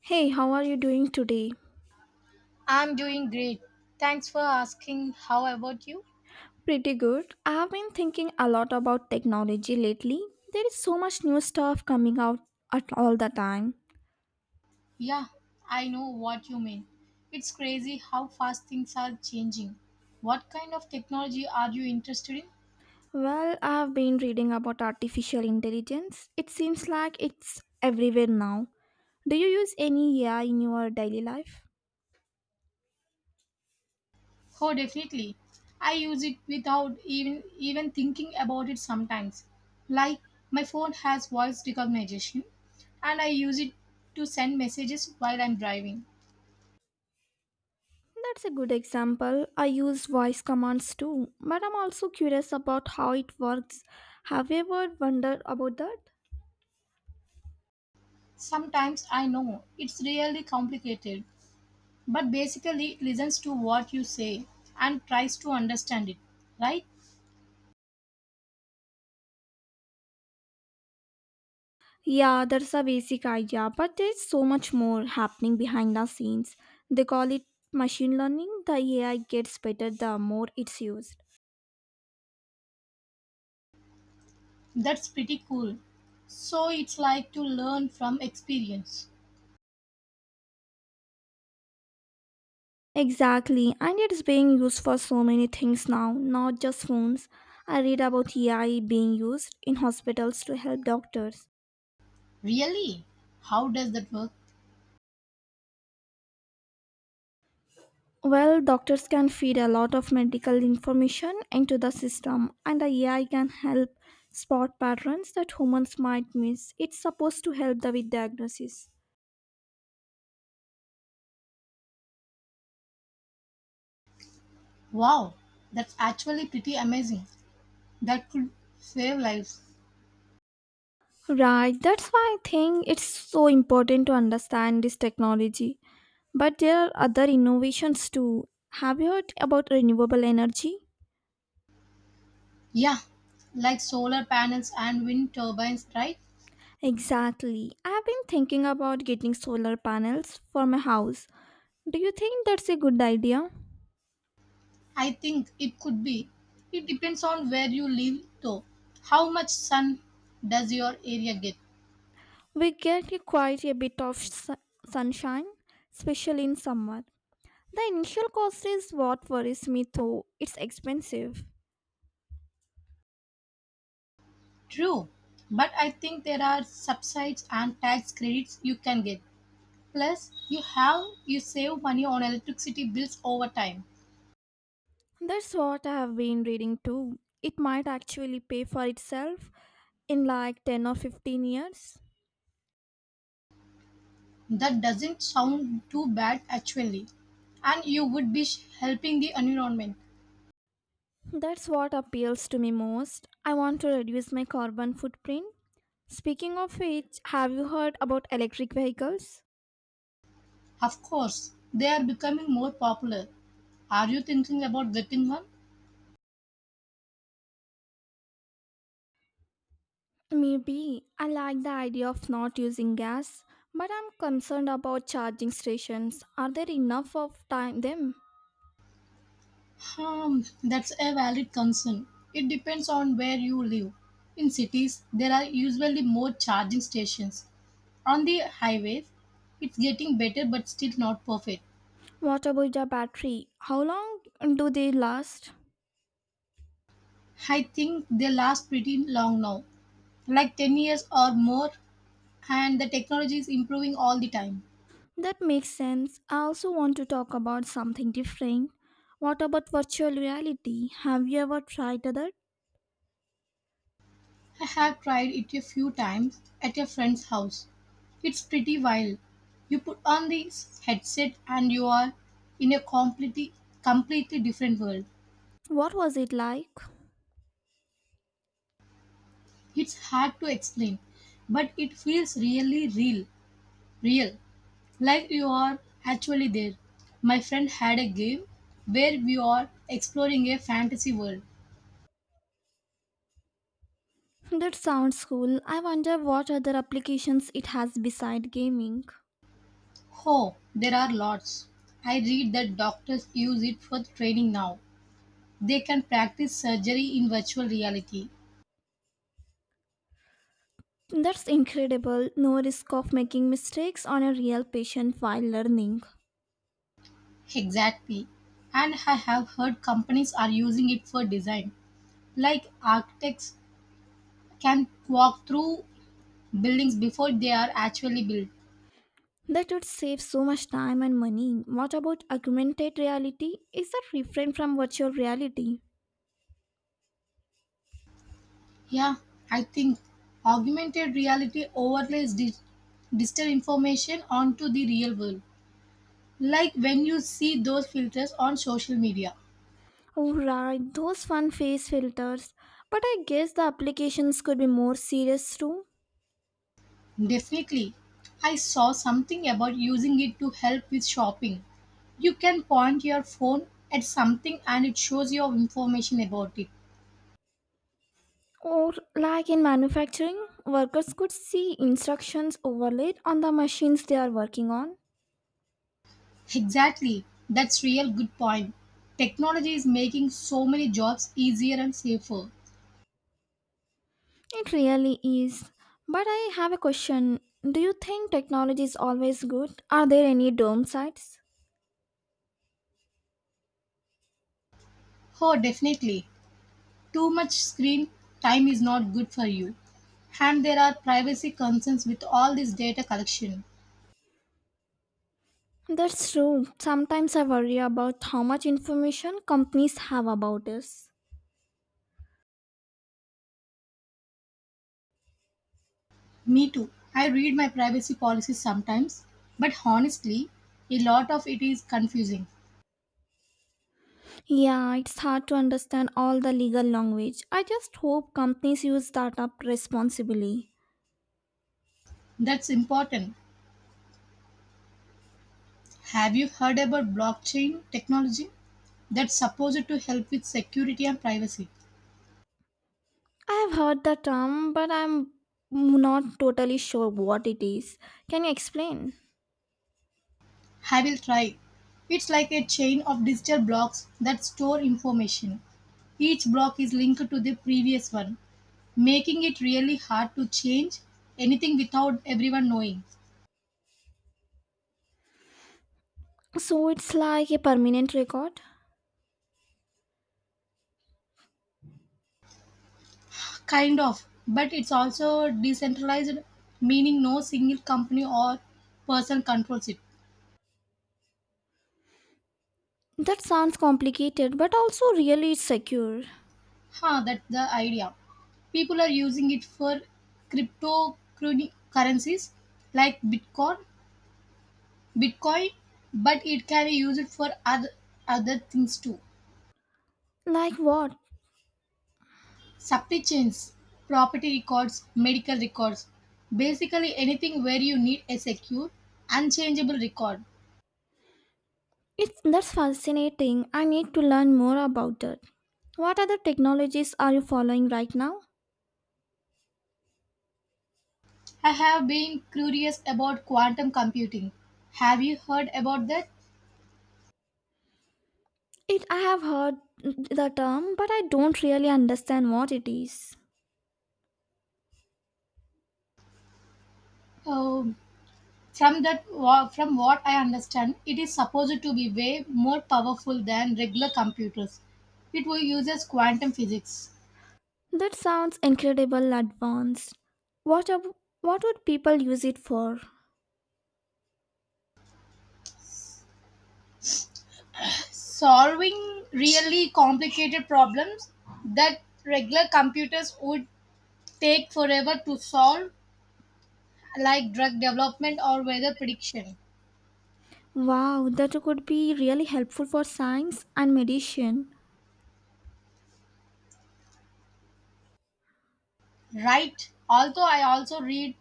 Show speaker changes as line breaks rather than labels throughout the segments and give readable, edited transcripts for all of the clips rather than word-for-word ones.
Hey, how are you doing today?
I'm doing great. Thanks for asking. How about you?
Pretty good. I have been thinking a lot about technology lately. There is so much new stuff coming out at all the time.
Yeah, I know what you mean. It's crazy how fast things are changing. What kind of technology are you interested in?
Well, I have been reading about artificial intelligence. It seems like it's everywhere now. Do you use any AI in your daily life?
Oh, definitely. I use it without even thinking about it sometimes. Like my phone has voice recognition and I use it to send messages while I'm driving.
That's a good example. I use voice commands too, but I'm also curious about how it works. Have you ever wondered about that?
Sometimes I know it's really complicated, but basically, it listens to what you say and tries to understand it, right?
Yeah, that's a basic idea, but there's so much more happening behind the scenes. They call it machine learning. The AI gets better the more it's used.
That's pretty cool. So it's like to learn from experience.
Exactly, and it's being used for so many things now, not just phones. I read about AI being used in hospitals to help doctors.
Really? How does that work?
Well, doctors can feed a lot of medical information into the system, and the AI can help spot patterns that humans might miss. It's supposed to help the with diagnosis.
Wow, that's actually pretty amazing. That could save lives.
Right, that's why I think it's so important to understand this technology. But there are other innovations too. Have you heard about renewable energy?
Yeah, like solar panels and wind turbines, right?
Exactly. I've been thinking about getting solar panels for my house. Do you think that's a good idea?
I think it could be. It depends on where you live, though. How much sun does your area get?
We get quite a bit of sunshine, especially in summer. The initial cost is what worries me though. It's expensive.
True, but I think there are subsides and tax credits you can get. Plus, you have you save money on electricity bills over time.
That's what I have been reading too. It might actually pay for itself in like 10 or 15 years.
That doesn't sound too bad actually. And you would be helping the environment.
That's what appeals to me most. I want to reduce my carbon footprint. Speaking of which, have you heard about electric vehicles?
Of course, they are becoming more popular. Are you thinking about getting one?
Maybe I like the idea of not using gas, but I'm concerned about charging stations. Are there enough of time them?
That's a valid concern. It depends on where you live. In cities, there are usually more charging stations. On the highways, it's getting better but still not perfect.
What about the battery? How long do they last?
I think they last pretty long now, like 10 years or more, and the technology is improving all the time.
That makes sense. I also want to talk about something different. What about virtual reality? Have you ever tried that?
I have tried it a few times at a friend's house. It's pretty wild. You put on this headset and you are in a completely different world.
What was it like?
It's hard to explain, but it feels really real, like you are actually there. My friend had a game where we are exploring a fantasy world.
That sounds cool. I wonder what other applications it has beside gaming.
Oh, there are lots. I read that doctors use it for training now. They can practice surgery in virtual reality.
That's incredible. No risk of making mistakes on a real patient while learning.
Exactly. And I have heard companies are using it for design. Like architects can walk through buildings before they are actually built.
That would save so much time and money. What about augmented reality? Is that different from virtual reality?
Yeah, I think augmented reality overlays digital information onto the real world, like when you see those filters on social media.
Oh, right, those fun face filters. But I guess the applications could be more serious too.
Definitely, I saw something about using it to help with shopping. You can point your phone at something and it shows you information about it.
Or, like in manufacturing, workers could see instructions overlaid on the machines they are working on.
Exactly, that's real good point. Technology is making so many jobs easier and safer.
It really is. But I have a question. Do you think technology is always good? Are there any downsides?
Oh, definitely. Too much screen time is not good for you. And there are privacy concerns with all this data collection.
That's true. Sometimes I worry about how much information companies have about us.
Me too. I read my privacy policies sometimes, but honestly, a lot of it is confusing.
Yeah, it's hard to understand all the legal language. I just hope companies use that up responsibly.
That's important. Have you heard about blockchain technology? That's supposed to help with security and privacy.
I have heard the term, but I'm not totally sure what it is. Can you explain?
I will try. It's like a chain of digital blocks that store information. Each block is linked to the previous one, making it really hard to change anything without everyone knowing.
So it's like a permanent record?
Kind of, but it's also decentralized, meaning no single company or person controls it.
That sounds complicated, but also really secure.
Huh, that's the idea. People are using it for cryptocurrencies like Bitcoin, but it can be used for other things too.
Like what?
Supply chains, property records, medical records, basically anything where you need a secure, unchangeable record.
It's that's fascinating. I need to learn more about it. What other technologies are you following right now?
I have been curious about quantum computing. Have you heard about that?
It I have heard the term, but I don't really understand what it is.
Um, from that, from what I understand, it is supposed to be way more powerful than regular computers. It will uses quantum physics,
That sounds incredible advanced. What ab- what would people use it for?
solving really complicated problems that regular computers would take forever to solve, like drug development or weather prediction,
Wow, that could be really helpful for science and medicine.
right? Although I also read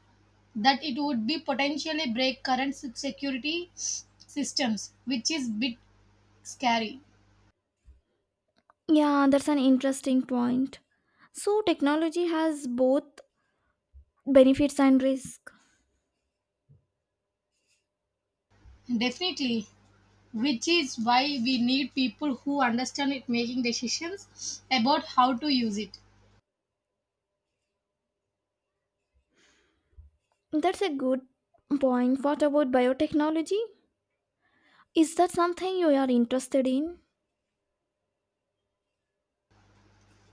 that it would be potentially break current security systems, which is bit scary.
Yeah, that's an interesting point. So, technology has both benefits and risk.
Definitely, which is why we need people who understand it making decisions about how to use it.
That's a good point. What about biotechnology? Is that something you are interested in?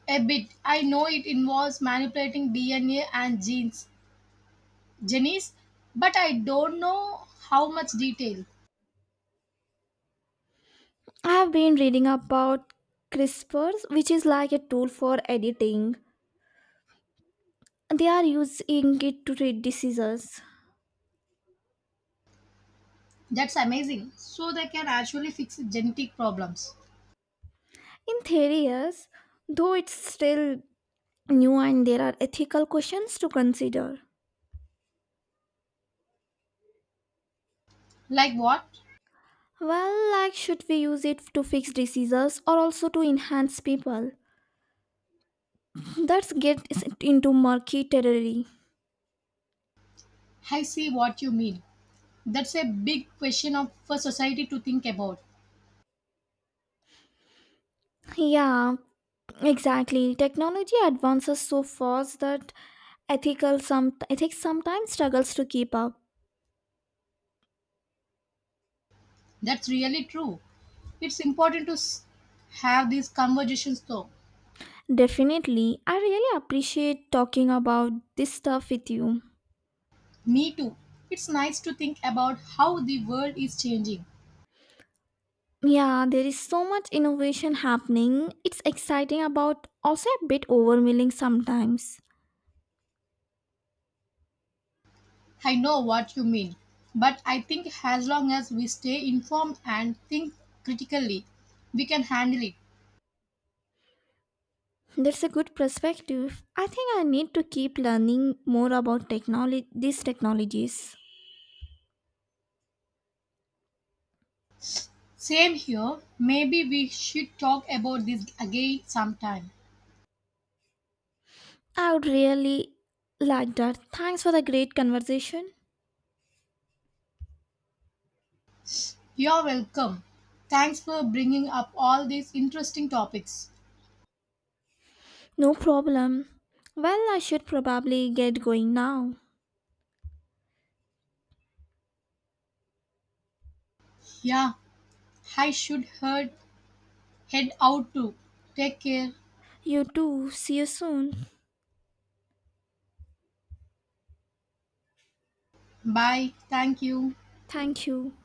A bit. I know it involves manipulating DNA and genes, genies, but I don't know how much detail.
I have been reading about CRISPRs, which is like a tool for editing. They are using it to treat diseases.
That's amazing. So they can actually fix genetic problems.
In theory, yes, though it's still new and there are ethical questions to consider.
Like what?
Well, like, should we use it to fix diseases or also to enhance people? That's get into murky territory.
I see what you mean. That's a big question of, for society to think about.
Yeah, exactly. Technology advances so fast that ethical some ethics sometimes struggles to keep up.
That's really true. It's important to have these conversations though.
Definitely, I really appreciate talking about this stuff with you.
Me too. It's nice to think about how the world is changing.
Yeah, there is so much innovation happening. It's exciting about also a bit overwhelming sometimes.
I know what you mean. But I think as long as we stay informed and think critically, we can handle it.
That's a good perspective. I think I need to keep learning more about technology these technologies.
Same here. Maybe we should talk about this again sometime.
I would really like that. Thanks for the great conversation.
You're welcome. Thanks for bringing up all these interesting topics.
No problem. Well, I should probably get going now.
Yeah, I should head out too. Take care.
You too. See you soon.
Bye. Thank you.
Thank you.